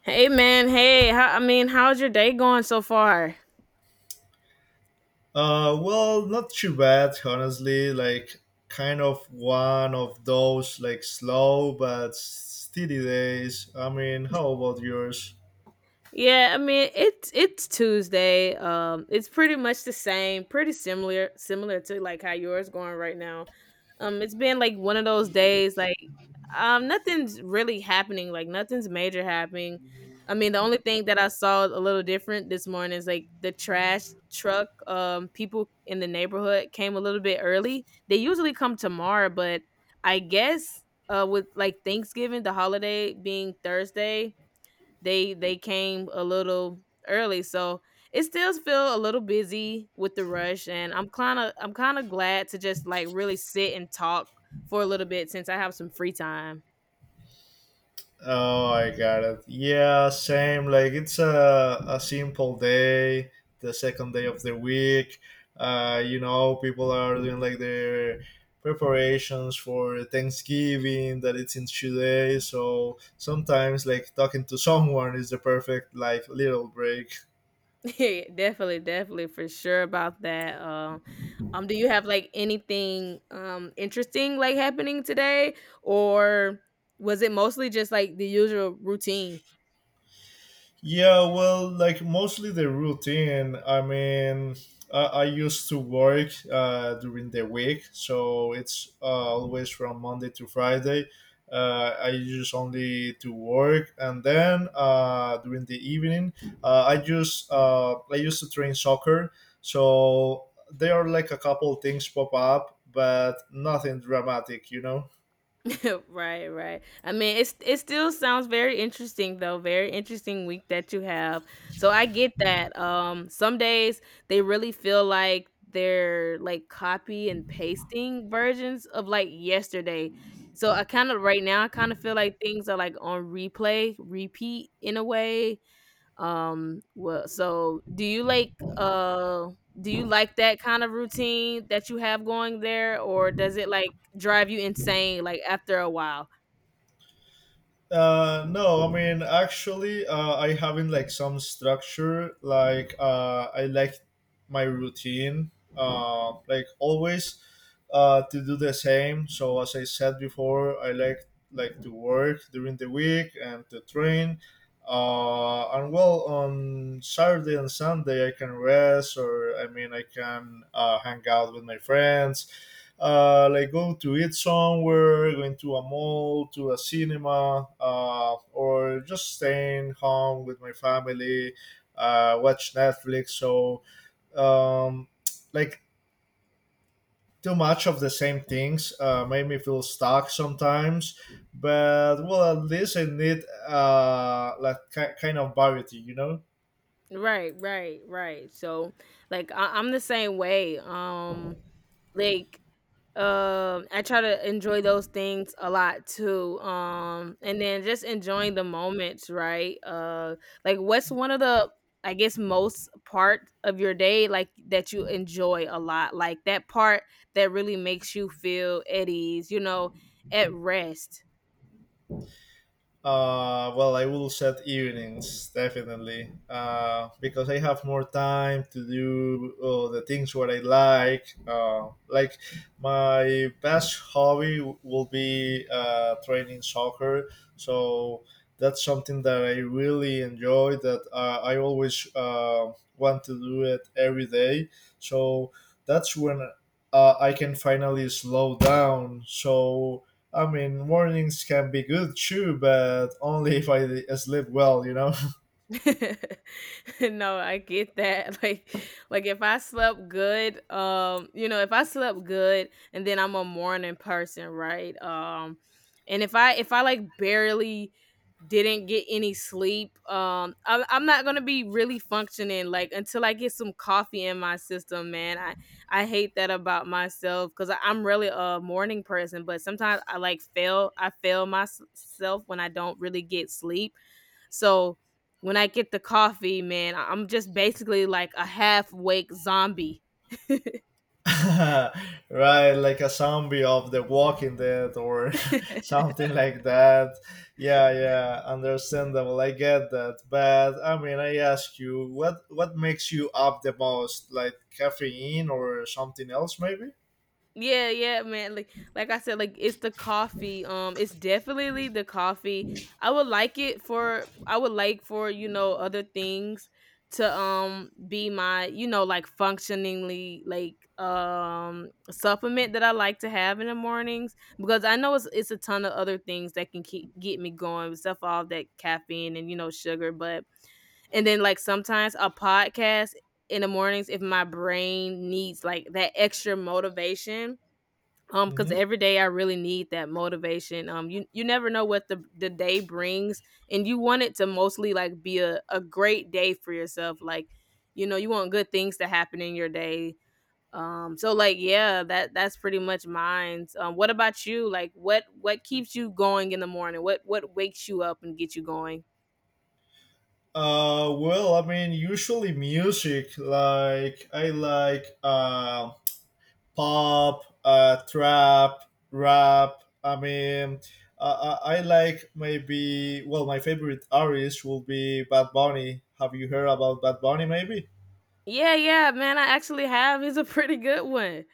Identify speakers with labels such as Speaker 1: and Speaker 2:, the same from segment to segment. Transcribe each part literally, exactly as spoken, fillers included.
Speaker 1: Hey man, hey, how, I mean, how's your day going so far?
Speaker 2: Uh, well, not too bad, honestly. Like, kind of one of those like slow but steady days. I mean, how about yours?
Speaker 1: Yeah, I mean, it's it's Tuesday. Um, it's pretty much the same, pretty similar similar to like how yours going right now. Um, it's been like one of those days, like um, nothing's really happening. Like nothing's major happening. I mean, the only thing that I saw a little different this morning is like the trash truck. Um, people in the neighborhood came a little bit early. They usually come tomorrow, but I guess uh, with like Thanksgiving, the holiday being Thursday, they they came a little early, so it still feel a little busy with the rush, and I'm kind of i'm kind of glad to just like really sit and talk for a little bit since I have some free time.
Speaker 2: Oh, I got it. Yeah, same. Like, it's a a simple day, the second day of the week. Uh, you know, people are doing like their preparations for Thanksgiving that it's in two days. So sometimes, like talking to someone is the perfect like little break.
Speaker 1: Yeah, definitely, definitely, for sure about that. Um, um, do you have like anything um interesting like happening today, or was it mostly just like the usual routine?
Speaker 2: Yeah, well, like mostly the routine. I mean, I, I used to work uh, during the week, so it's uh, always from Monday to Friday. Uh, I just only to work, and then uh, during the evening, uh, I just uh, I used to train soccer. So there are like a couple things pop up, but nothing dramatic, you know.
Speaker 1: Right, right. I mean, it's it still sounds very interesting though. Very interesting week that you have. So I get that. Um, some days they really feel like they're like copy and pasting versions of like yesterday. So I kind of right now I kind of feel like things are like on replay, repeat in a way. Um, well, so do you like uh do you like that kind of routine that you have going there, or does it like drive you insane like after a while?
Speaker 2: Uh, no, I mean actually, uh, I having like some structure. Like uh, I like my routine. Uh, like always, uh, to do the same. So as I said before, I like like to work during the week and to train. Uh, and well, on Saturday and Sunday, I can rest, or I mean, I can uh, hang out with my friends, uh, like going to eat somewhere, going to a mall, to a cinema, uh, or just staying home with my family, uh, watch Netflix. So, um, like Too much of the same things uh, made me feel stuck sometimes. But well, at least I need uh, like ki- kind of variety, you know.
Speaker 1: Right, right, right. So, like, I- I'm the same way. Um, like, um, I try to enjoy those things a lot too. Um, and then just enjoying the moments, right? Uh, like, what's one of the, I guess, most part of your day, like that you enjoy a lot, like that part that really makes you feel at ease, you know, at rest.
Speaker 2: Uh, well, I will set evenings definitely uh, because I have more time to do uh, the things what I like. Uh, like my best hobby w- will be uh, training soccer, so that's something that I really enjoy. That uh, I always uh, want to do it every day. So that's when uh, I can finally slow down. So I mean, mornings can be good too, but only if I sleep well, you know?
Speaker 1: No, I get that. Like like if I slept good, um, you know, if I slept good and then I'm a morning person, right? Um and if I if I like barely didn't get any sleep, um I I'm not going to be really functioning like until I get some coffee in my system, man. I I hate that about myself cuz I'm really a morning person, but sometimes I like fail I fail myself when I don't really get sleep. So, when I get the coffee, man, I- I'm just basically like a half-wake zombie.
Speaker 2: Right, like a zombie of The Walking Dead or something like that. Yeah, yeah, understandable. I get that. But I mean, I ask you, what what makes you up the most? Like caffeine or something else, maybe?
Speaker 1: Yeah, yeah, man. Like like I said, like it's the coffee. Um, it's definitely the coffee. I would like it for I would like for, you know, other things to um be my, you know, like functioningly like um supplement that I like to have in the mornings, because I know it's it's a ton of other things that can keep get me going, stuff all that caffeine and you know sugar, but and then like sometimes a podcast in the mornings if my brain needs like that extra motivation, um because
Speaker 2: Hmm.
Speaker 1: every day I really need that motivation. Um you you never know what the the day brings, and you want it to mostly like be a, a great day for yourself, like you know you want good things to happen in your day. Um so like yeah, that that's pretty much mine. Um what about you, like what what keeps you going in the morning? What what wakes you up and gets you going?
Speaker 2: Uh, well, I mean, usually music. Like I like uh. Pop, uh, trap, rap. I mean, uh, I I like maybe, well, my favorite artist will be Bad Bunny. Have you heard about Bad Bunny maybe?
Speaker 1: Yeah, yeah, man. I actually have is a pretty good one.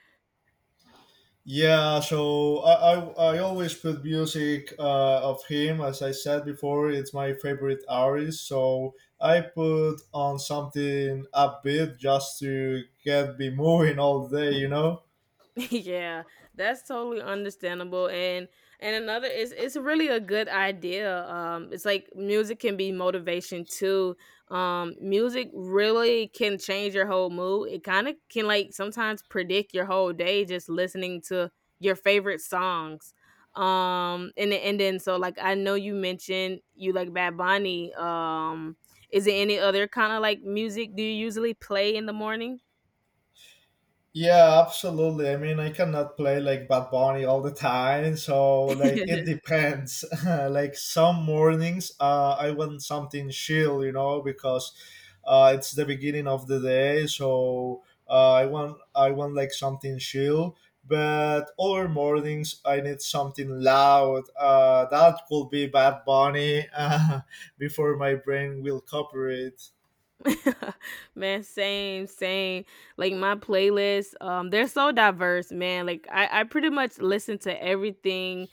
Speaker 2: Yeah, so I, I, I always put music uh, of him. As I said before, it's my favorite artist. So I put on something upbeat just to get me moving all day, you know?
Speaker 1: Yeah, that's totally understandable. And and another is it's really a good idea. Um, it's like music can be motivation too. Um, music really can change your whole mood. It kind of can like sometimes predict your whole day just listening to your favorite songs. Um, and then- and then so like I know you mentioned you like Bad Bunny. Um, is there any other kind of like music do you usually play in the morning?
Speaker 2: Yeah, absolutely. I mean, I cannot play like Bad Bunny all the time, so like it depends. Like some mornings, uh, I want something chill, you know, because uh, it's the beginning of the day, so uh, I want I want like something chill. But other mornings, I need something loud. Uh, that could be Bad Bunny uh, before my brain will cooperate.
Speaker 1: Man, same, same. Like my playlists, um, they're so diverse, man. Like I, I pretty much listen to everything.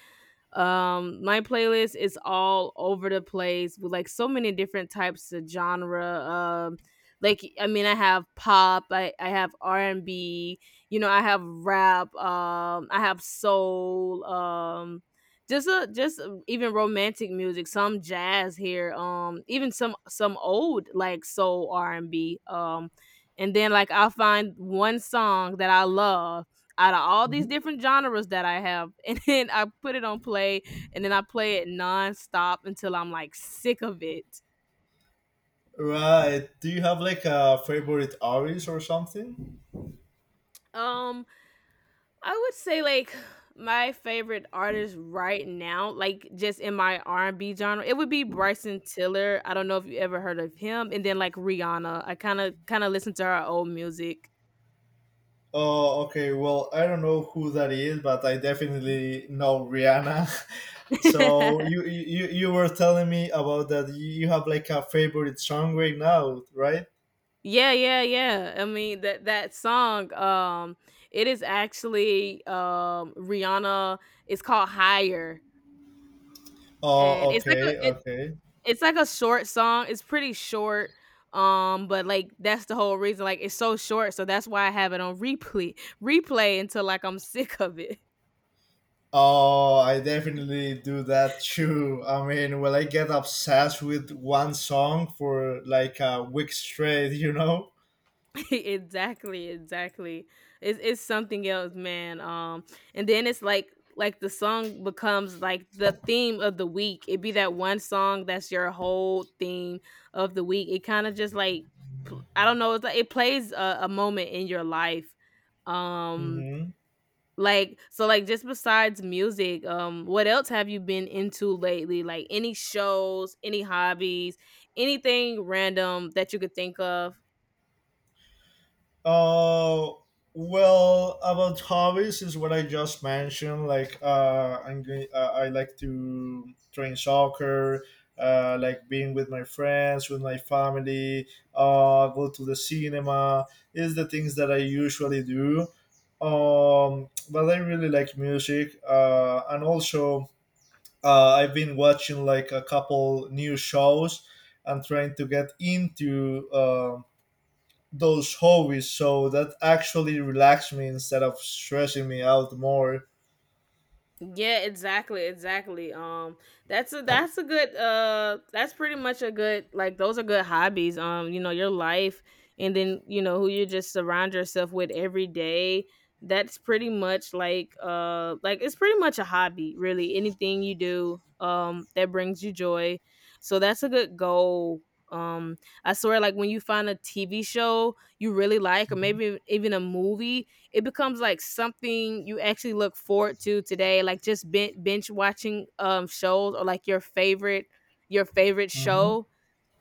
Speaker 1: um My playlist is all over the place with like so many different types of genre. Um like I mean I have pop, i, I have R and B, you know I have rap, um I have soul, um just a just a- even romantic music, some jazz here, um even some some old like soul R and B. Um and then like I'll find one song that I love out of all these
Speaker 2: Mm-hmm.
Speaker 1: different genres that I have. And then I put it on play and then I play it nonstop until I'm like sick of it.
Speaker 2: Right. Do you have like a favorite artist or something?
Speaker 1: Um, I would say like my favorite artist right now, like just in my R and B genre, it would be Bryson Tiller. I don't know if you ever heard of him, and then like Rihanna. I kind of kind of listen to her old music.
Speaker 2: Oh, okay. Well, I don't know who that is, but I definitely know Rihanna. So you you you were telling me about that. You have like a favorite song right now, right?
Speaker 1: Yeah, yeah, yeah. I mean that that song, um, it is actually um Rihanna. It's called Higher. And
Speaker 2: Oh,
Speaker 1: it's like a
Speaker 2: okay,
Speaker 1: it
Speaker 2: okay.
Speaker 1: it's like a short song, it's pretty short, um, but, like, that's the whole reason, like, it's so short, so that's why I have it on replay replay until, like, I'm sick of it.
Speaker 2: Oh, I definitely do that too. I mean, when I get obsessed with one song for like a week straight, you know.
Speaker 1: Exactly, exactly. It's it's something else, man, um, and then it's like like, the song becomes, like, the theme of the week. It be that one song that's your whole theme of the week. It kinda just, like, pl I don't know, it's like it plays a a moment in your life, um
Speaker 2: Hmm.
Speaker 1: like, so like just besides music, um, what else have you been into lately? Like any shows, any hobbies, anything random that you could think of?
Speaker 2: Uh, well, about hobbies is what I just mentioned. Like, uh, I'm going. Uh, I like to train soccer. Uh, like being with my friends, with my family. Uh, go to the cinema. Is the things that I usually do. Um, but I really like music. Uh, and also, uh, I've been watching like a couple new shows and trying to get into. Um, those hobbies so that actually relax me instead of stressing me out more.
Speaker 1: Yeah, exactly, exactly. Um, that's a that's a good uh that's pretty much a good like those are good hobbies. Um, you know, your life and then, you know, who you just surround yourself with every day. That's pretty much like uh like it's pretty much a hobby, really. Anything you do um that brings you joy. So that's a good goal. Um, I swear like when you find a T V show you really like or maybe even a movie, it becomes like something you actually look forward to today, like just ben- bench watching um shows or like your favorite your favorite
Speaker 2: Hmm.
Speaker 1: show.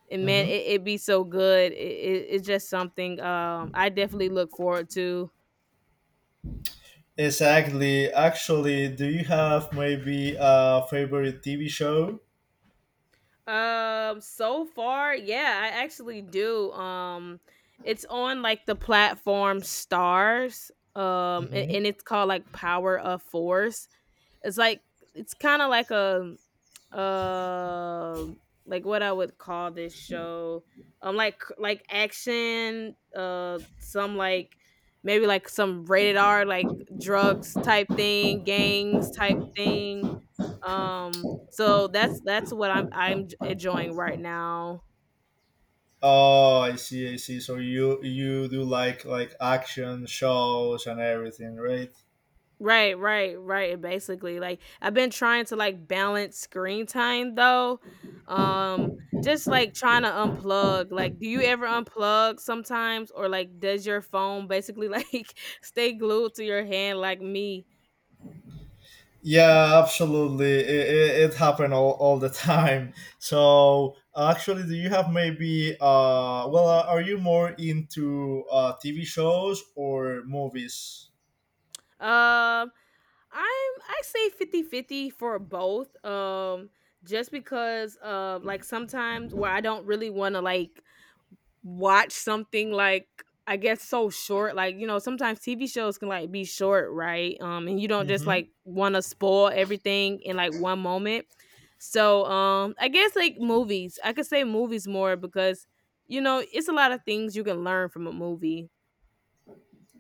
Speaker 1: And man
Speaker 2: Hmm.
Speaker 1: it, it be so good, it, it, it's just something um I definitely look forward to.
Speaker 2: Exactly. Actually, do you have maybe a favorite T V show?
Speaker 1: Um so far yeah, I actually do. Um it's on like the platform Stars, um a-
Speaker 2: Hmm.
Speaker 1: and it's called like Power of Force. It's like it's kind of like a Uh, like what I would call this show. Um like like action, uh some like maybe like some rated R, like drugs type thing, gangs type thing. Um so that's that's what I'm I'm j- enjoying right now.
Speaker 2: Oh, I see. I see. So you you do like like action shows and everything, right?
Speaker 1: Right, right, right, and basically, like, I've been trying to, like, balance screen time, though, um, just, like, trying to unplug, like, do you ever unplug sometimes, or, like, does your phone basically, like, stay glued to your hand like me?
Speaker 2: Yeah, absolutely. It, it, it happened all, all the time. So, actually, do you have maybe, uh, well, uh, are you more into uh, T V shows or movies?
Speaker 1: Um, I'm I say fifty fifty for both, um, just because, uh, like, sometimes where I don't really wanna, like watch something like I guess so short. Like, you know, sometimes T V shows can like be short, right? Um, and you don't just
Speaker 2: Mm-hmm.
Speaker 1: like wanna spoil everything in like one moment. So um I guess like movies. I could say movies more because you know, it's a lot of things you can learn from a movie.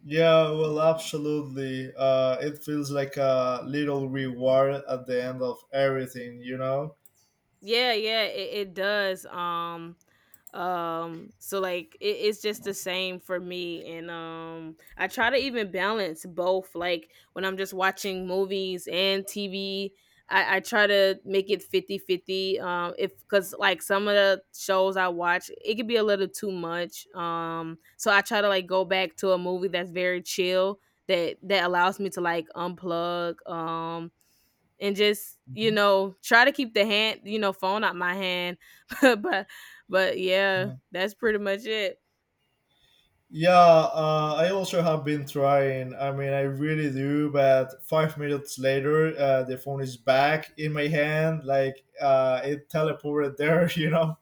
Speaker 2: Yeah, well, absolutely. Uh, it feels like a little reward at the end of everything, you know?
Speaker 1: Yeah, yeah, it, it does. Um, um, so like it, it's just the same for me, and um, I try to even balance both. Like when I'm just watching movies and T V, I, I try to make it fifty fifty. Um, if because like some of the shows I watch, it could be a little too much. Um, so I try to like go back to a movie that's very chill. That, that allows me to like unplug um and just you
Speaker 2: Mm-hmm.
Speaker 1: know try to keep the hand you know phone out my hand. but but yeah that's pretty much it.
Speaker 2: Yeah, uh, I also have been trying. I mean, I really do, but five minutes later, uh, the phone is back in my hand, like uh, it teleported there, you know?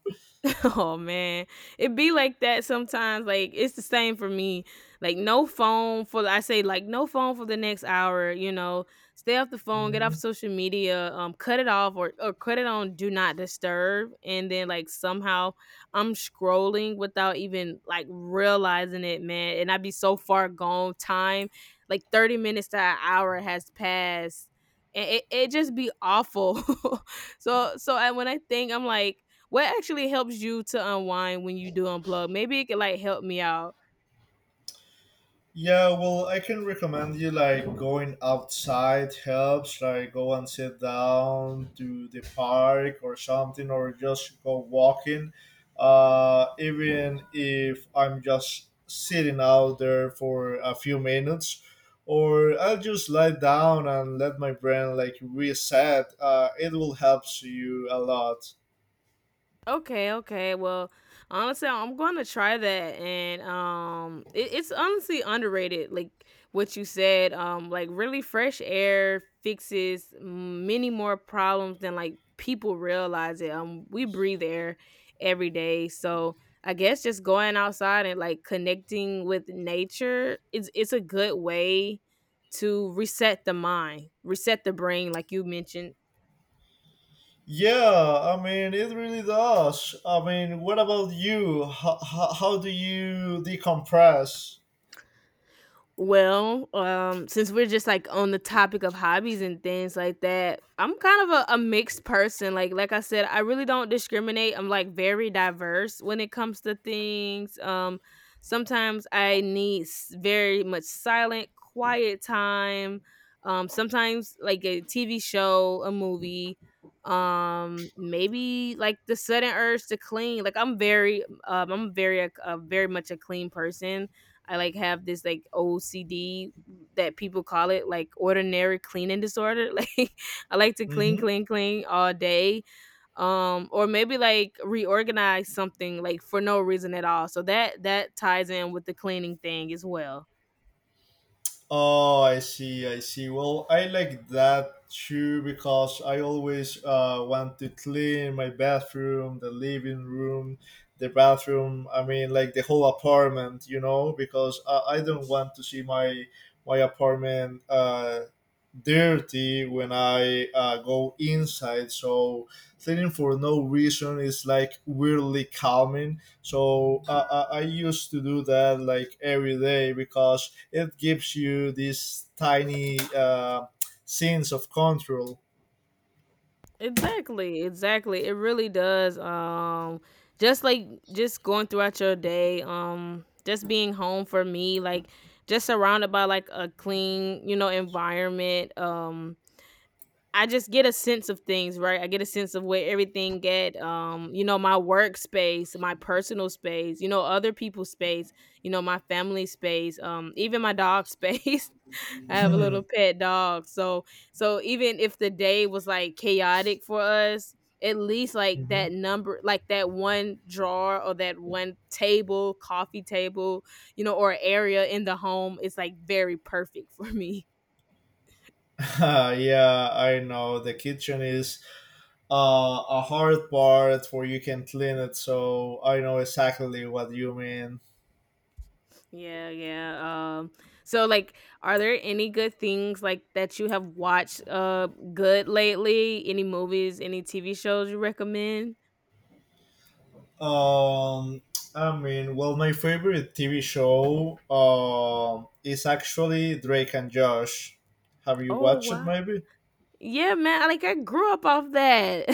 Speaker 1: Oh man, it be like that sometimes. Like it's the same for me. Like no phone for I say like no phone for the next hour. You know, stay off the phone, get off
Speaker 2: Mhm.
Speaker 1: social media, um, cut it off or or cut it on do not disturb. And then like somehow I'm scrolling without even like realizing it, man. And I be so far gone. Time like thirty minutes to an hour has passed. And it, it just be awful. so so I, when I think I'm like what actually helps you to unwind when you do unplug? Maybe it could like help me out.
Speaker 2: Yeah, well, I can recommend you like going outside helps, like go and sit down to the park or something, or just go walking. Uh, even if I'm just sitting out there for a few minutes, or I'll just lie down and let my brain like reset. Uh, it will help you a lot.
Speaker 1: Okay, okay. Well, honestly, I'm going to try that, and um, it, it's honestly underrated. Like what you said, um, like really fresh air fixes many more problems than like people realize it. Um, we breathe air every day, so I guess just going outside and like connecting with nature is it's a good way to reset the mind, reset the brain, like you mentioned.
Speaker 2: Yeah, I mean, it really does. I mean, what about you? How, how, how do you decompress?
Speaker 1: Well, um, since we're just like on the topic of hobbies and things like that, I'm kind of a, a mixed person. Like like I said, I really don't discriminate. I'm like very diverse when it comes to things. Um, sometimes I need s- very much silent, quiet time. Um, sometimes like a T V show, a movie, um, maybe like the sudden urge to clean. Like I'm very, um, I'm very a, a very much a clean person. I like have this like O C D that people call it like ordinary cleaning disorder. Like I like to clean,
Speaker 2: Mm-hmm.
Speaker 1: clean, clean all day. Um or maybe like reorganize something like for no reason at all. So that that ties in with the cleaning thing as well.
Speaker 2: Oh, I see, I see. Well, I like that too because I always uh, want to clean my bathroom, the living room, the bathroom. I mean, like the whole apartment, you know, because I, I don't want to see my my apartment uh, dirty when I uh, go inside. So cleaning for no reason is like weirdly calming, so uh, I I used to do that like every day because it gives you these tiny uh, sense of control.
Speaker 1: Exactly, exactly. It really does. Um, just like just going throughout your day. Um, just being home for me, like just surrounded by like a clean, you know, environment. Um, I just get a sense of things, right? I get a sense of where everything get. Um, you know, my workspace, my personal space, you know, other people's space, you know, my family space, um, even my dog space. I have a little pet dog. So so even if the day was like chaotic for us, at least like
Speaker 2: Hmm.
Speaker 1: that number, like that one drawer or that one table, coffee table, you know, or area in the home is like very perfect for me.
Speaker 2: Yeah, I know the kitchen is uh, a hard part where you can clean it, so I know exactly what you mean.
Speaker 1: Yeah, yeah. Um, so like are there any good things like that you have watched uh good lately? Any movies, any T V shows you recommend?
Speaker 2: Um, I mean, well, my favorite T V show um is actually Drake and Josh. Have you
Speaker 1: Oh
Speaker 2: watched it?
Speaker 1: wow.
Speaker 2: Maybe.
Speaker 1: Yeah, man. I- Like I grew up off that.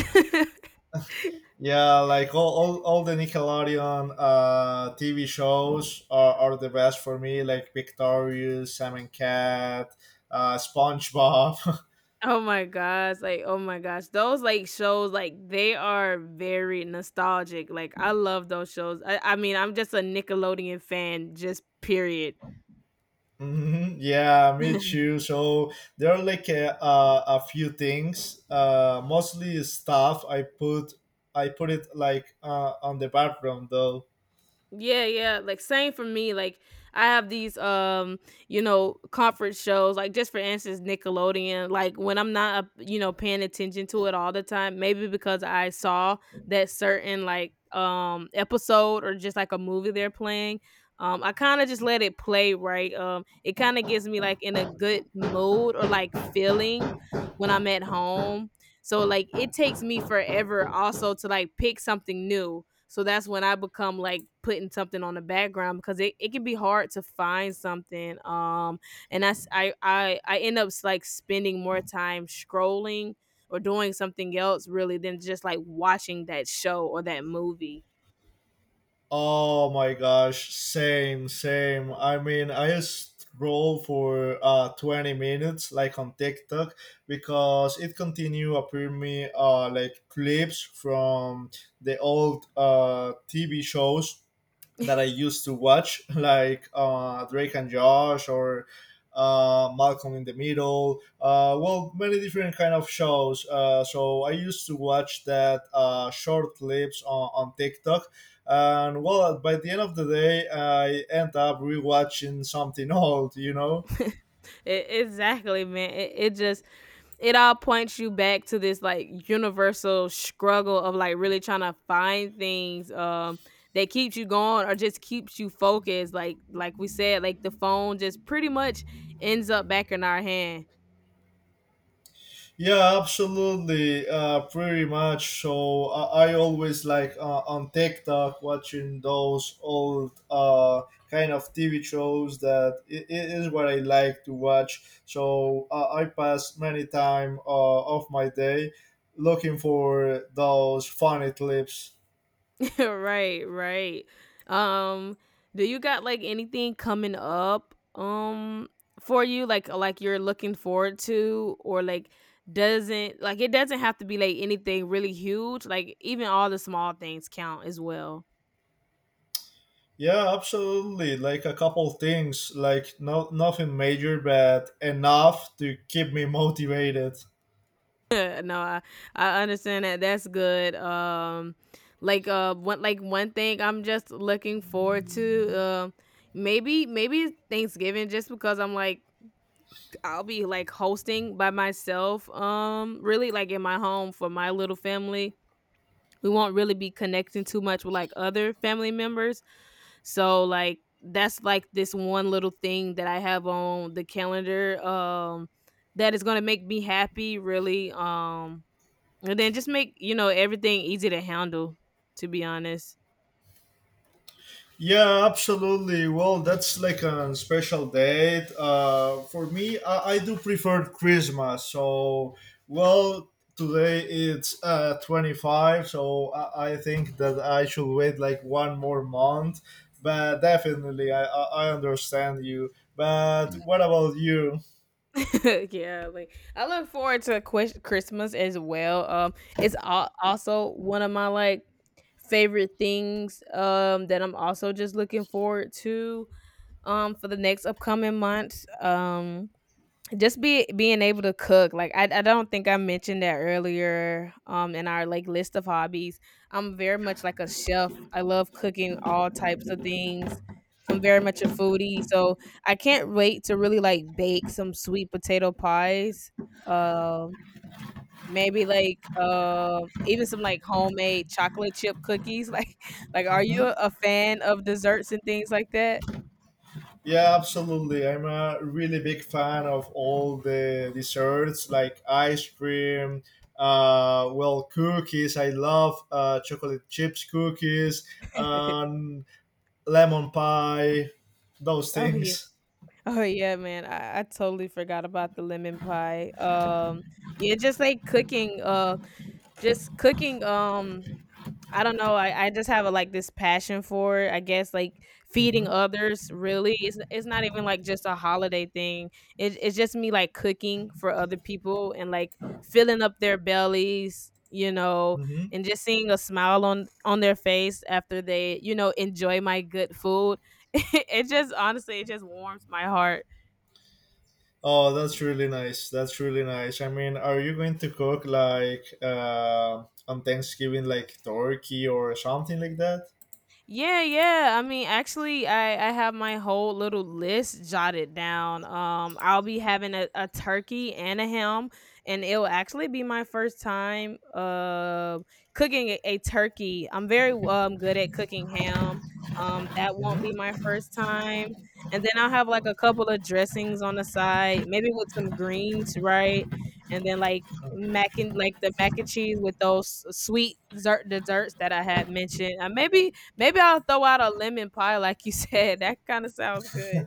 Speaker 2: Yeah, like all, all, all the Nickelodeon uh, T V shows are, are the best for me, like Victorious, Sam and Cat, uh, SpongeBob.
Speaker 1: Oh my gosh. Like, oh my gosh. Those like shows, like they are very nostalgic. Like I love those shows. I, I mean, I'm just a Nickelodeon fan, just period.
Speaker 2: Hmm. Yeah, me too. So there are like a, a, a few things, uh, mostly stuff I put I put it like uh, on the background though.
Speaker 1: Yeah, yeah. Like same for me. Like I have these um, you know, comfort shows. Like just for instance, Nickelodeon. Like when I'm not, uh, you know, paying attention to it all the time, maybe because I saw that certain like um episode or just like a movie they're playing. Um, I kind of just let it play, right? Um, it kind of gives me like in a good mood or like feeling when I'm at home. So like it takes me forever also to like pick something new, so that's when I become like putting something on the background because it, it can be hard to find something. Um, and that's I, I I end up like spending more time scrolling or doing something else really than just like watching that show or that movie.
Speaker 2: Oh my gosh, same, same. I mean, I just scroll for uh twenty minutes like on TikTok because it continue appearing me uh like clips from the old uh T V shows that I used to watch, like uh, Drake and Josh or uh, Malcolm in the Middle. Uh, well, many different kind of shows. Uh, so I used to watch that uh, short clips on, on TikTok. And well, by the end of the day, I end up rewatching something old, you know.
Speaker 1: E- exactly, man. It, it just it all points you back to this like universal struggle of like really trying to find things um that keeps you going or just keeps you focused. Like like we said, like the phone just pretty much ends up back in our hand.
Speaker 2: Yeah, absolutely. Uh, pretty much. So I, I always like uh, on TikTok watching those old uh, kind of T V shows that it, it is what I like to watch. So uh, I pass many time uh, of my day looking for those funny clips.
Speaker 1: Right, right. Um, do you got like anything coming up um for you like like you're looking forward to or like doesn't like it doesn't have to be like anything really huge. Like even all the small things count as well.
Speaker 2: Yeah, absolutely. Like a couple things, like no nothing major, but enough to keep me motivated.
Speaker 1: No, I, I understand that. That's good. Um, like uh, one like one thing I'm just looking forward to. Um, maybe maybe Thanksgiving just because I'm like I'll be like hosting by myself, um, really like in my home for my little family. We won't really be connecting too much with like other family members. So like that's like this one little thing that I have on the calendar um that is gonna make me happy really. Um and then just make, you know, everything easy to handle, to be honest.
Speaker 2: Yeah, absolutely. Well, that's like a special date. Uh, for me, I, I do prefer Christmas. So, well, today it's uh, twenty-five, so I, I think that I should wait like one more month. But definitely, I, I I understand you. But what about you?
Speaker 1: Yeah, like I look forward to Ques- Christmas as well. Um, it's al- also one of my like favorite things. Um, that I'm also just looking forward to. Um, for the next upcoming months. Um, just be being able to cook like I, I don't think I mentioned that earlier um in our like list of hobbies, I'm very much like a chef, I love cooking all types of things, I'm very much a foodie, so I can't wait to really like bake some sweet potato pies, um maybe like um even some like homemade chocolate chip cookies. like like are you
Speaker 2: Mm-hmm.
Speaker 1: a fan of desserts and things like that?
Speaker 2: Yeah, absolutely. I'm a really big fan of all the desserts like ice cream, uh, well, cookies. I love uh, chocolate chips cookies, um, lemon pie, those
Speaker 1: Oh yeah.
Speaker 2: things.
Speaker 1: Oh yeah, man. I, I totally forgot about the lemon pie. Um yeah, just like cooking, uh just cooking, um I don't know, I, I just have a, like this passion for it. I guess like feeding
Speaker 2: Hmm.
Speaker 1: others really. It's it's not even like just a holiday thing. It, it's just me like cooking for other people and like filling up their bellies, you know,
Speaker 2: Hmm.
Speaker 1: and just seeing a smile on on their face after they, you know, enjoy my good food. It just honestly it just warms my heart.
Speaker 2: Oh, that's really nice. That's really nice. I mean, are you going to cook like uh, on Thanksgiving, like turkey or something like that?
Speaker 1: Yeah, yeah. I mean, actually, I I have my whole little list jotted down. Um, I'll be having a, a turkey and a ham, and it'll actually be my first time uh cooking a, a turkey. I'm very um good at cooking ham. Um, that won't be
Speaker 2: Mhm.
Speaker 1: my first time. And then I'll have like a couple of dressings on the side, maybe with some greens, right? And then like mac and like the mac and cheese with those s- sweet dessert desserts that I had mentioned. Uh, maybe Maybe I'll throw out a lemon pie like you said, that kinda sounds good.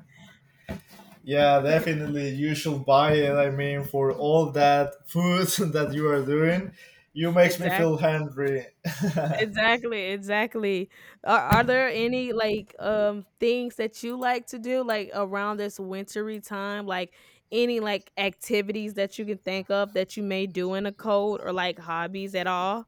Speaker 2: Yeah, definitely. You should buy it. I mean, for all that food that you are doing, you makes me feel
Speaker 1: Exactly,
Speaker 2: hungry.
Speaker 1: exactly, exactly. Are are there any, like, um, things that you like to do, like, around this wintry time? Like, any, like, activities that you can think of that you may do in a cold or, like, hobbies at all?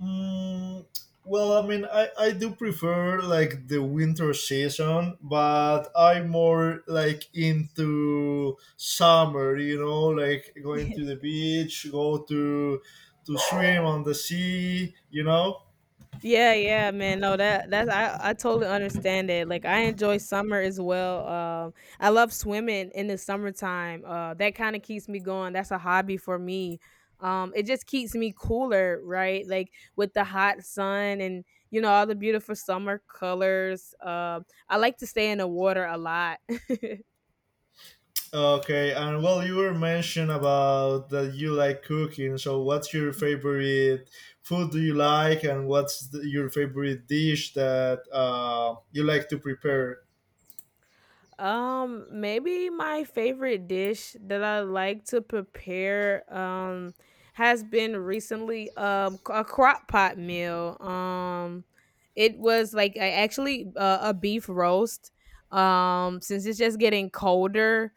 Speaker 2: Mm, well, I mean, I, I do prefer like the winter season, but I'm more like into summer. You know, like going to the beach, go to to swim on the sea. You know.
Speaker 1: Yeah, yeah, man. No, that that's I I totally understand it. Like I enjoy summer as well. Um, I love swimming in the summertime. Uh, that kind of keeps me going. That's a hobby for me. Um, it just keeps me cooler, right? Like with the hot sun and you know all the beautiful summer colors. Um, I like to stay in the water a lot.
Speaker 2: Okay, and well, you were mentioned about that you like cooking. So, what's your favorite food? Do you like, and what's the, your favorite dish that uh, you like to prepare?
Speaker 1: Um, maybe my favorite dish that I like to prepare um has been recently um c- a crock pot meal. Um, it was like I actually uh, a beef roast. Um, since it's just getting colder,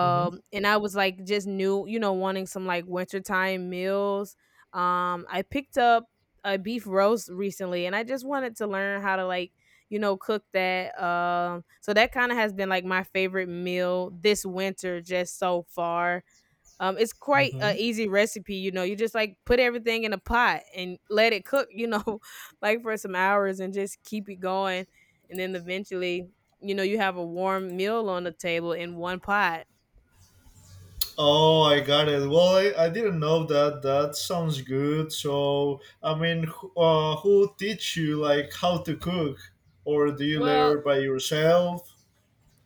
Speaker 2: Hmm.
Speaker 1: and I was like just new, you know, wanting some like wintertime meals. Um, I picked up a beef roast recently, and I just wanted to learn how to like you know, cook that. Um, so that kind of has been like my favorite meal this winter, just so far. Um, it's quite an
Speaker 2: Hmm.
Speaker 1: easy recipe, you know. You just like put everything in a pot and let it cook, you know, like for some hours and just keep it going. And then eventually, you know, you have a warm meal on the table in one pot.
Speaker 2: Oh, I got it. Well, I, I didn't know that. That sounds good. So, I mean, who- uh, who teach you like how to cook, or do you
Speaker 1: Well,
Speaker 2: learn by yourself?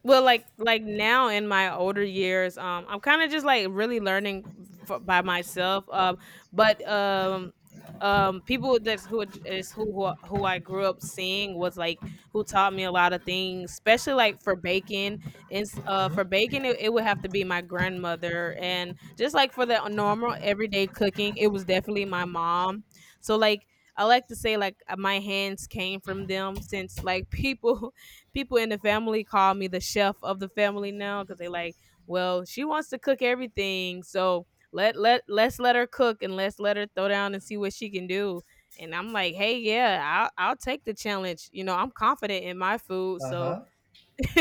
Speaker 1: Well, like like now in my older years, um, I'm kinda just, like, really learning f by myself, um, but, um, um, people that's who it- is who who I who I grew up seeing was, like, who taught me a lot of things, especially, like, for baking, it's,
Speaker 2: Uh
Speaker 1: uh,
Speaker 2: huh.
Speaker 1: for baking, it it would have to be my grandmother, and just, like, for the normal everyday cooking, it was definitely my mom. So, like, I like to say, like, uh, my hands came from them since, like, people people in the family call me the chef of the family now because they like, well, she wants to cook everything, so let let let's let her cook and let's let her throw down and see what she can do. And I'm like, hey, yeah, I'll I'll take the challenge. You know, I'm confident in my food, so
Speaker 2: Uh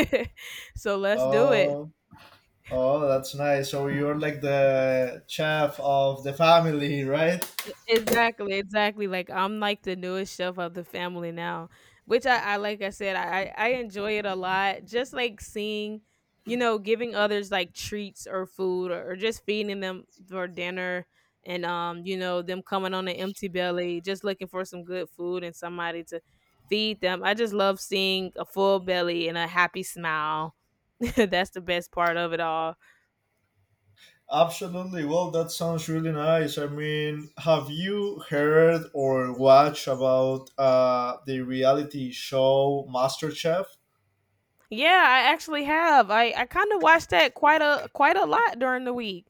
Speaker 1: so let's do it.
Speaker 2: huh. Oh, that's nice. So you're like the chef of the family, right?
Speaker 1: Exactly, exactly. Like I'm like the newest chef of the family now, which I, I like I said, I, I I enjoy it a lot. Just like seeing, you know, giving others like treats or food or, or just feeding them for dinner and um, you know, them coming on an empty belly, just looking for some good food and somebody to feed them. I just love seeing a full belly and a happy smile. That's the best part of it all.
Speaker 2: Absolutely. Well, that sounds really nice. I mean, have you heard or watched about uh, the reality show MasterChef?
Speaker 1: Yeah, I actually have. I, I kind of watched that quite a quite a lot during the week.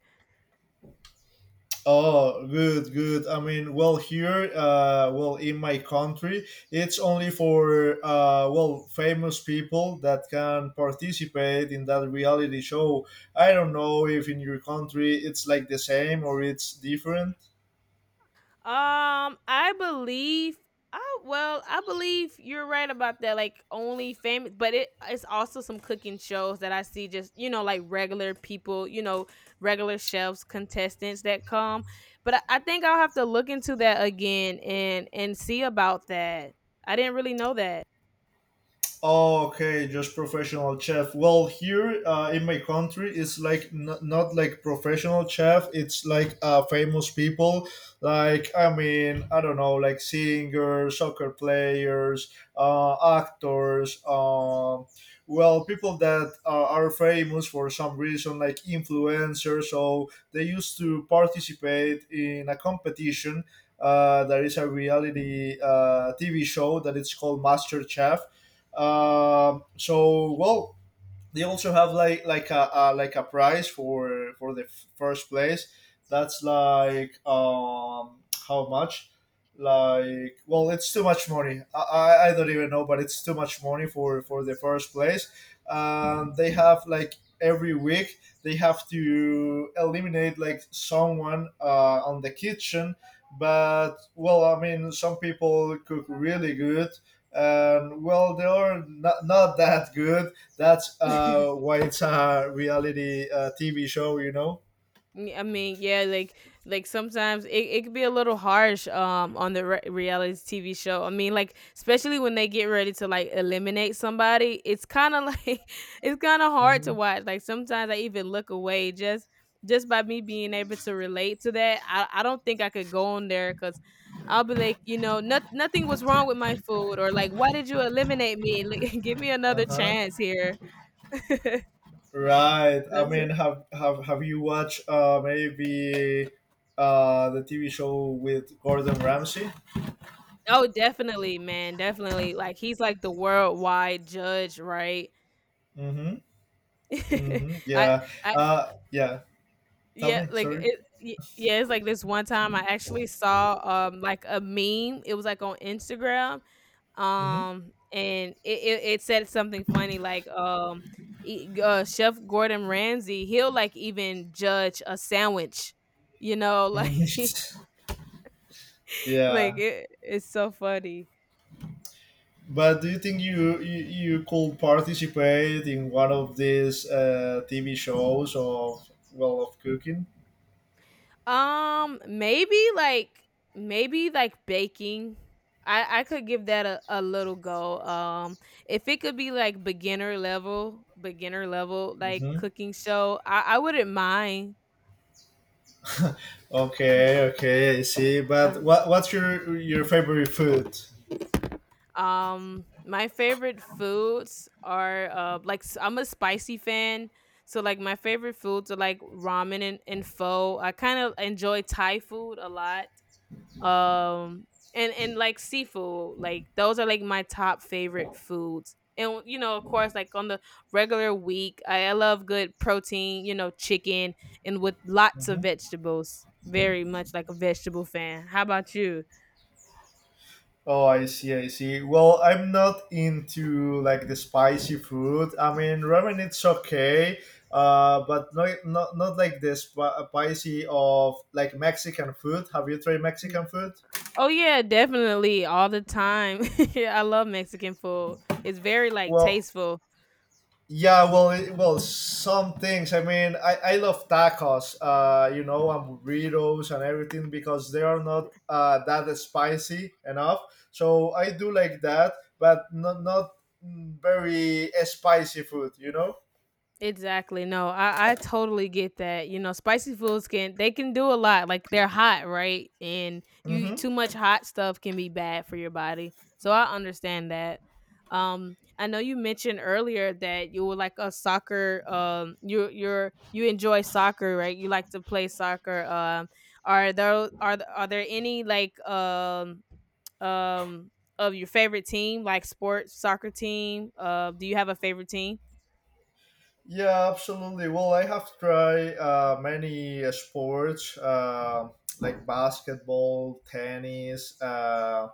Speaker 2: Oh, good, good. I mean, well, here, uh, well, in my country, it's only for uh, well, famous people that can participate in that reality show. I don't know if in your country it's like the same or it's different.
Speaker 1: Um, I believe I well, I believe you're right about that. Like only famous, but it it's also some cooking shows that I see, just, you know, like regular people, you know, regular chefs, contestants that come. But I, I think I'll have to look into that again and and see about that. I didn't really know that.
Speaker 2: Okay, just professional chef. Well, here uh, in my country, it's like n- not like professional chef. It's like uh, famous people, like I mean, I don't know, like singers, soccer players, uh, actors. Um, well, people that uh, are famous for some reason, like influencers. So they used to participate in a competition. Uh, there is a reality uh, T V show that it's called Master Chef uh, so, well, they also have like like a, a like a prize for for the f- first place. That's like um how much? Like well, it's too much money. I, I I don't even know, but it's too much money for for the first place. Um, they have like every week they have to eliminate like someone uh, on the kitchen, but well i mean some people cook really good, and well they are not, not that good. That's uh, why it's a reality uh, T V show, you know.
Speaker 1: Mm, I mean, yeah, like like sometimes it, it could be a little harsh um on the re- reality T V show. I mean, like especially when they get ready to like eliminate somebody, it's kind of like it's kind of hard to
Speaker 2: Mm-hmm.
Speaker 1: watch. Like sometimes I even look away, just just by me being able to relate to that. I I don't think I could go on there cuz I'll be like, you know, not, nothing was wrong with my food, or like why did you eliminate me? Like, give me
Speaker 2: Uh
Speaker 1: another
Speaker 2: huh.
Speaker 1: chance here.
Speaker 2: Right. I mean, have have have you watched uh, maybe uh, the T V show with Gordon Ramsay?
Speaker 1: Oh, definitely, man, definitely, like, he's, like, the worldwide judge, right?
Speaker 2: Mm-hmm. Mm-hmm.
Speaker 1: I
Speaker 2: Yeah.
Speaker 1: I
Speaker 2: Uh, yeah. Tell
Speaker 1: yeah,
Speaker 2: me.
Speaker 1: like,
Speaker 2: Sorry.
Speaker 1: it y yeah, it's, like, this one time I actually saw, um, like, a meme. It was, like, on Instagram,
Speaker 2: Mm-hmm.
Speaker 1: um, and it it it said something funny, like, um, e uh, Chef Gordon Ramsay, he'll, like, even judge a sandwich, you know, like
Speaker 2: Mm-hmm.
Speaker 1: like,
Speaker 2: yeah.
Speaker 1: it it's so funny.
Speaker 2: But do you think you, you you could participate in one of these uh, T V shows of well of cooking?
Speaker 1: Um, maybe like maybe like baking. I I could give that a, a little go. Um, if it could be like beginner level, beginner level like
Speaker 2: Mm-hmm.
Speaker 1: cooking show, I I wouldn't mind.
Speaker 2: Okay, okay, I see.
Speaker 1: Uh,
Speaker 2: But what what's your your favorite food?
Speaker 1: Um, my favorite foods are uh like s- I'm a spicy fan, so like my favorite foods are like ramen and, and pho. I kind of enjoy Thai food a lot. Um, and and like seafood, like those are like my top favorite foods. And you know, of course, like on the regular week, I, I love good protein, you know, chicken and with lots of
Speaker 2: Hmm.
Speaker 1: vegetables. Very much like a vegetable fan. How about you?
Speaker 2: Oh, I see, I see. Well, I'm not into like the spicy food. I mean, ramen it's okay, uh, but not not not like the sp- spicy of like Mexican food. Have you tried Mexican food?
Speaker 1: Oh yeah, definitely all the time. I love Mexican food. It's very like
Speaker 2: Well,
Speaker 1: tasteful.
Speaker 2: yeah, well, it, well, some things. I mean, I, I love tacos, uh, you know, and burritos and everything because they are not uh, that spicy enough. So I do like that, but not not mm, very spicy food, you know.
Speaker 1: Exactly. No, I, I totally get that. You know, spicy foods can they can do a lot. Like they're hot, right? And you eat
Speaker 2: Hmm.
Speaker 1: too much hot stuff can be bad for your body. So I understand that. Um, I know you mentioned earlier that you were like a soccer. Um, you you're you enjoy soccer, right? You like to play soccer. Um, are there are th- are there any like um um of your favorite team, like sports soccer team? Uh, do you have a favorite team?
Speaker 2: Yeah, absolutely. Well, I have tried uh, many uh, sports, uh, like basketball, tennis. Uh,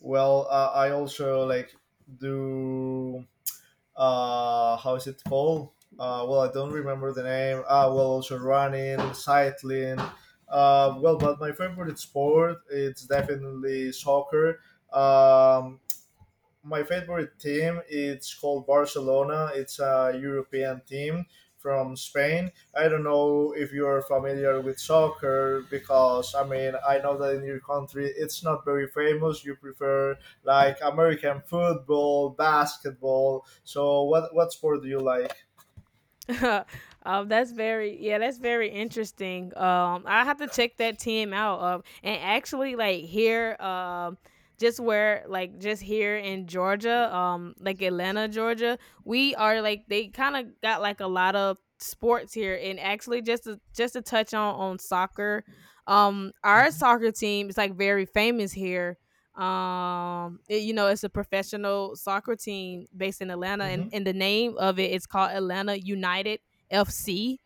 Speaker 2: well, uh, I also like do. Uh, how is it called? Uh, well, I don't remember the name. Uh, well, also running, cycling. Uh, well, but my favorite sport it's definitely soccer. Um, my favorite team it's called Barcelona. It's a European team from Spain. I don't know if you're familiar with soccer, because I mean I know that in your country it's not very famous. You prefer like American football, basketball. So what what sport do you like?
Speaker 1: um, that's very yeah, that's very interesting. Um, I have to check that team out. Um, and actually, like here, um, just where like just here in Georgia, um, like Atlanta, Georgia, we are like they kind of got like a lot of sports here. And actually, just to just to touch on on soccer, um, our
Speaker 2: Hmm.
Speaker 1: soccer team is like very famous here, um, it- you know, it's a professional soccer team based in Atlanta, and,
Speaker 2: Hmm.
Speaker 1: and the name of it is called Atlanta United F C.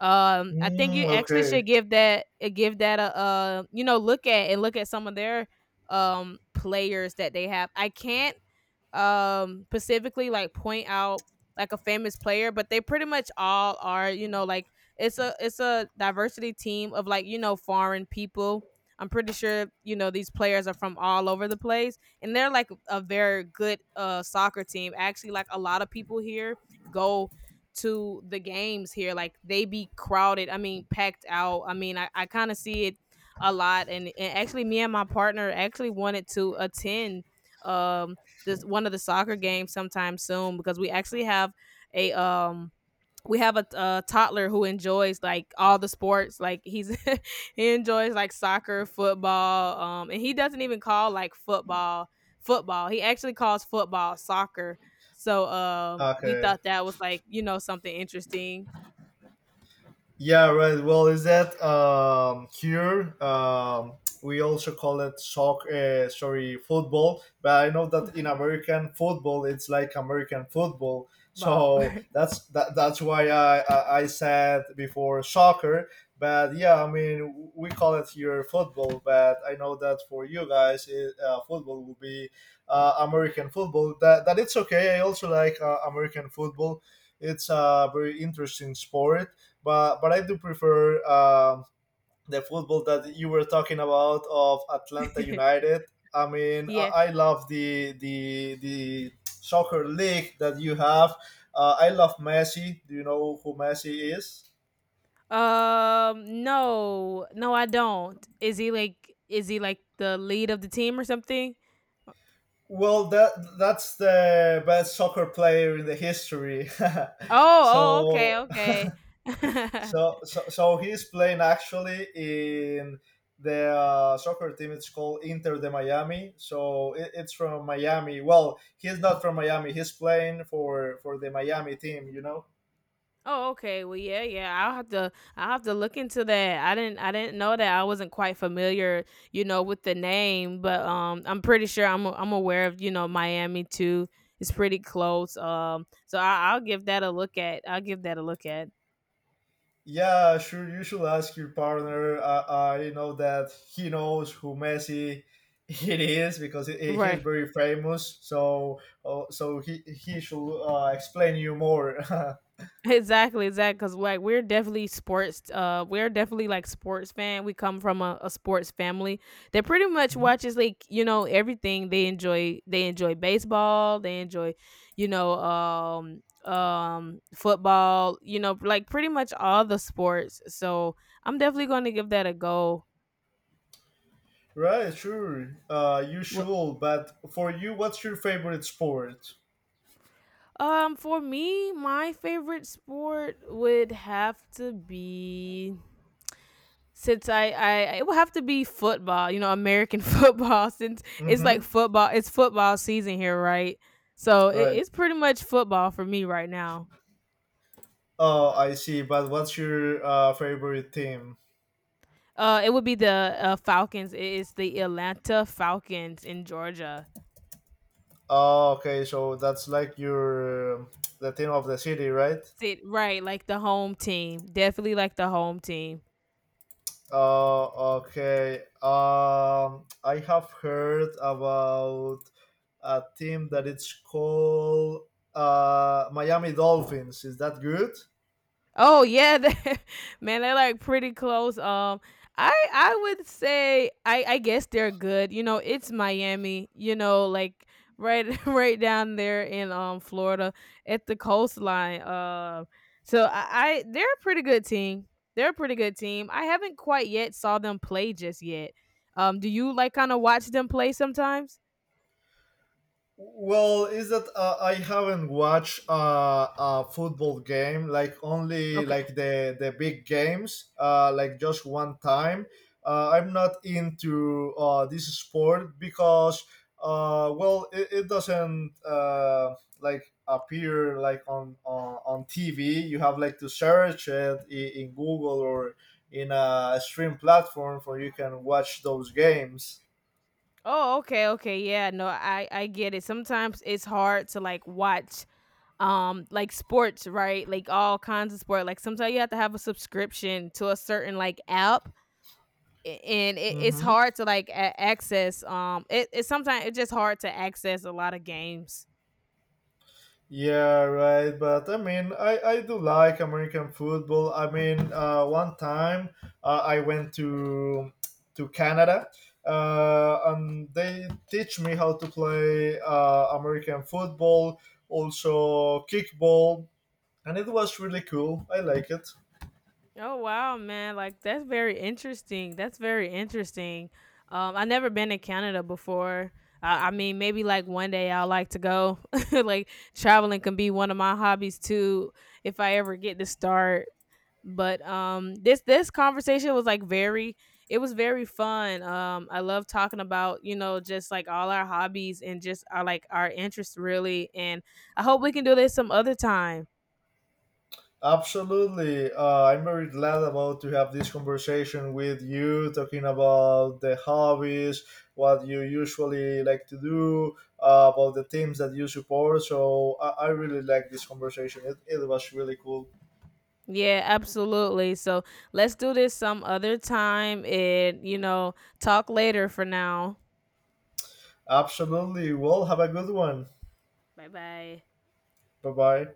Speaker 1: Um, I think you
Speaker 2: Mm,
Speaker 1: actually
Speaker 2: okay.
Speaker 1: should give that uh, give that a, uh you know, look at and look at some of their um players that they have. I can't um specifically like point out like a famous player, but they pretty much all are, you know, like it's a it's a diversity team of, like, you know, foreign people. I'm pretty sure you know these players are from all over the place, and they're like a very good uh soccer team. Actually, like a lot of people here go to the games here. Like they be crowded. I mean, packed out. I mean, I, I kind of see it a lot. And, and actually, me and my partner actually wanted to attend um this one of the soccer games sometime soon, because we actually have a um we have a, a toddler who enjoys like all the sports, like he's he enjoys like soccer, football, um, and he doesn't even call like football football. He actually calls football soccer. So um we
Speaker 2: Okay.
Speaker 1: thought that was like, you know, something interesting
Speaker 2: Yeah, right. Well, is that um, here? Um, we also call it soccer, uh, sorry, football. But I know that in American football, it's like American football.
Speaker 1: about
Speaker 2: So that's that, that's why I, I I said before soccer. But yeah, I mean we call it here football. But I know that for you guys, it, uh, football will be uh, American football. That that it's okay. I also like uh, American football. It's a very interesting sport, but but I do prefer um the football that you were talking about of Atlanta United. I mean,
Speaker 1: yeah.
Speaker 2: I, I love the the the soccer league that you have. Uh, I love Messi. Do you know who Messi is?
Speaker 1: Um, no. No, I don't. Is he like is he like the lead of the team or something? Uh,
Speaker 2: Well, that that's the best soccer player in the history.
Speaker 1: Oh, oh, okay,
Speaker 2: so
Speaker 1: okay.
Speaker 2: So, so, so he's playing actually in the uh, soccer team. It's called Inter de Miami. So it, it's from Miami. Well, he's not from Miami. He's playing for for the Miami team. You know.
Speaker 1: Oh, okay. Well, yeah, yeah. I'll have to I'll have to look into that. I didn't I didn't know that. I wasn't quite familiar, you know, with the name, but um I'm pretty sure I'm I'm aware of, you know, Miami too. It's pretty close. Um, so I I'll give that a look at. I'll give that a look at.
Speaker 2: Yeah, sure. You should ask your partner. Uh, I know that he knows who Messi it is because he, he is
Speaker 1: Right.
Speaker 2: very famous. So, uh, so he he should uh, explain you more.
Speaker 1: Exactly, exactly. Because like we're definitely sports. Uh, we're definitely like sports fan. We come from a, a sports family that pretty much
Speaker 2: Mhm.
Speaker 1: watches like you know everything. They enjoy they enjoy baseball. They enjoy, you know, um, um, football. You know, like pretty much all the sports. So I'm definitely going to give that a go.
Speaker 2: Right, sure. Uh, you
Speaker 1: Wha-
Speaker 2: should. But for you, what's your favorite sport?
Speaker 1: Um, for me, my favorite sport would have to be, since I, I it would have to be football, you know, American football, since it's like
Speaker 2: Mm-hmm.
Speaker 1: football, it's football season here, right? So it,
Speaker 2: Right.
Speaker 1: it's pretty much football for me right now.
Speaker 2: Oh, I see. But what's your uh, favorite team?
Speaker 1: Uh, it would be the uh, Falcons. It is the Atlanta Falcons in Georgia.
Speaker 2: Oh, okay. So that's like your the team of the city, right?
Speaker 1: Sit right, like the home team, definitely like the home team.
Speaker 2: Oh, okay. Um, I have heard about a team that it's called uh Miami Dolphins. Is that good?
Speaker 1: Oh yeah, they- man, they're like pretty close. Um, I I would say I I guess they're good. You know, it's Miami. You know, like right right down there in um Florida at the coastline. Uh, so I, I they're a pretty good team. They're a pretty good team. I haven't quite yet saw them play just yet. Um, do you like kind of watch them play sometimes?
Speaker 2: Well, is that uh, I haven't watched uh, a football game like only
Speaker 1: Okay.
Speaker 2: like the the big games uh, like just one time. Uh, I'm not into uh, this sport because uh, well it, it doesn't uh, like appear like on, on on T V. You have like to search it i- in Google or in a stream platform for you can watch those games.
Speaker 1: Oh, okay, okay. Yeah, no, I I get it. Sometimes it's hard to like watch um like sports, right, like all kinds of sport, like sometimes you have to have a subscription to a certain like app, a- and it, it's
Speaker 2: Mm-hmm.
Speaker 1: hard to like a- access, um, it, it's sometimes it's just hard to access a lot of games.
Speaker 2: Yeah, right. But I mean, I, I do like American football. I mean, uh, one time uh, I went to to Canada, uh, and they teach me how to play uh, American football, also kickball, and it was really cool. I like it.
Speaker 1: Oh wow, man, like that's very interesting, that's very interesting um, I never been to Canada before. I I mean, maybe like one day I'll like to go. Like traveling can be one of my hobbies too, if I ever get to start. But um this this conversation was like very it was very fun. Um, I love talking about, you know, just like all our hobbies and just our like our interests really, and I hope we can do this some other time.
Speaker 2: Absolutely. Uh, I'm very glad about to have this conversation with you, talking about the hobbies, what you usually like to do, uh, about the teams that you support. So I, I really like this conversation. It, it was really cool.
Speaker 1: Yeah, absolutely. So let's do this some other time, and you know, talk later for now.
Speaker 2: Absolutely. Well, have a good one.
Speaker 1: Bye bye.
Speaker 2: Bye bye.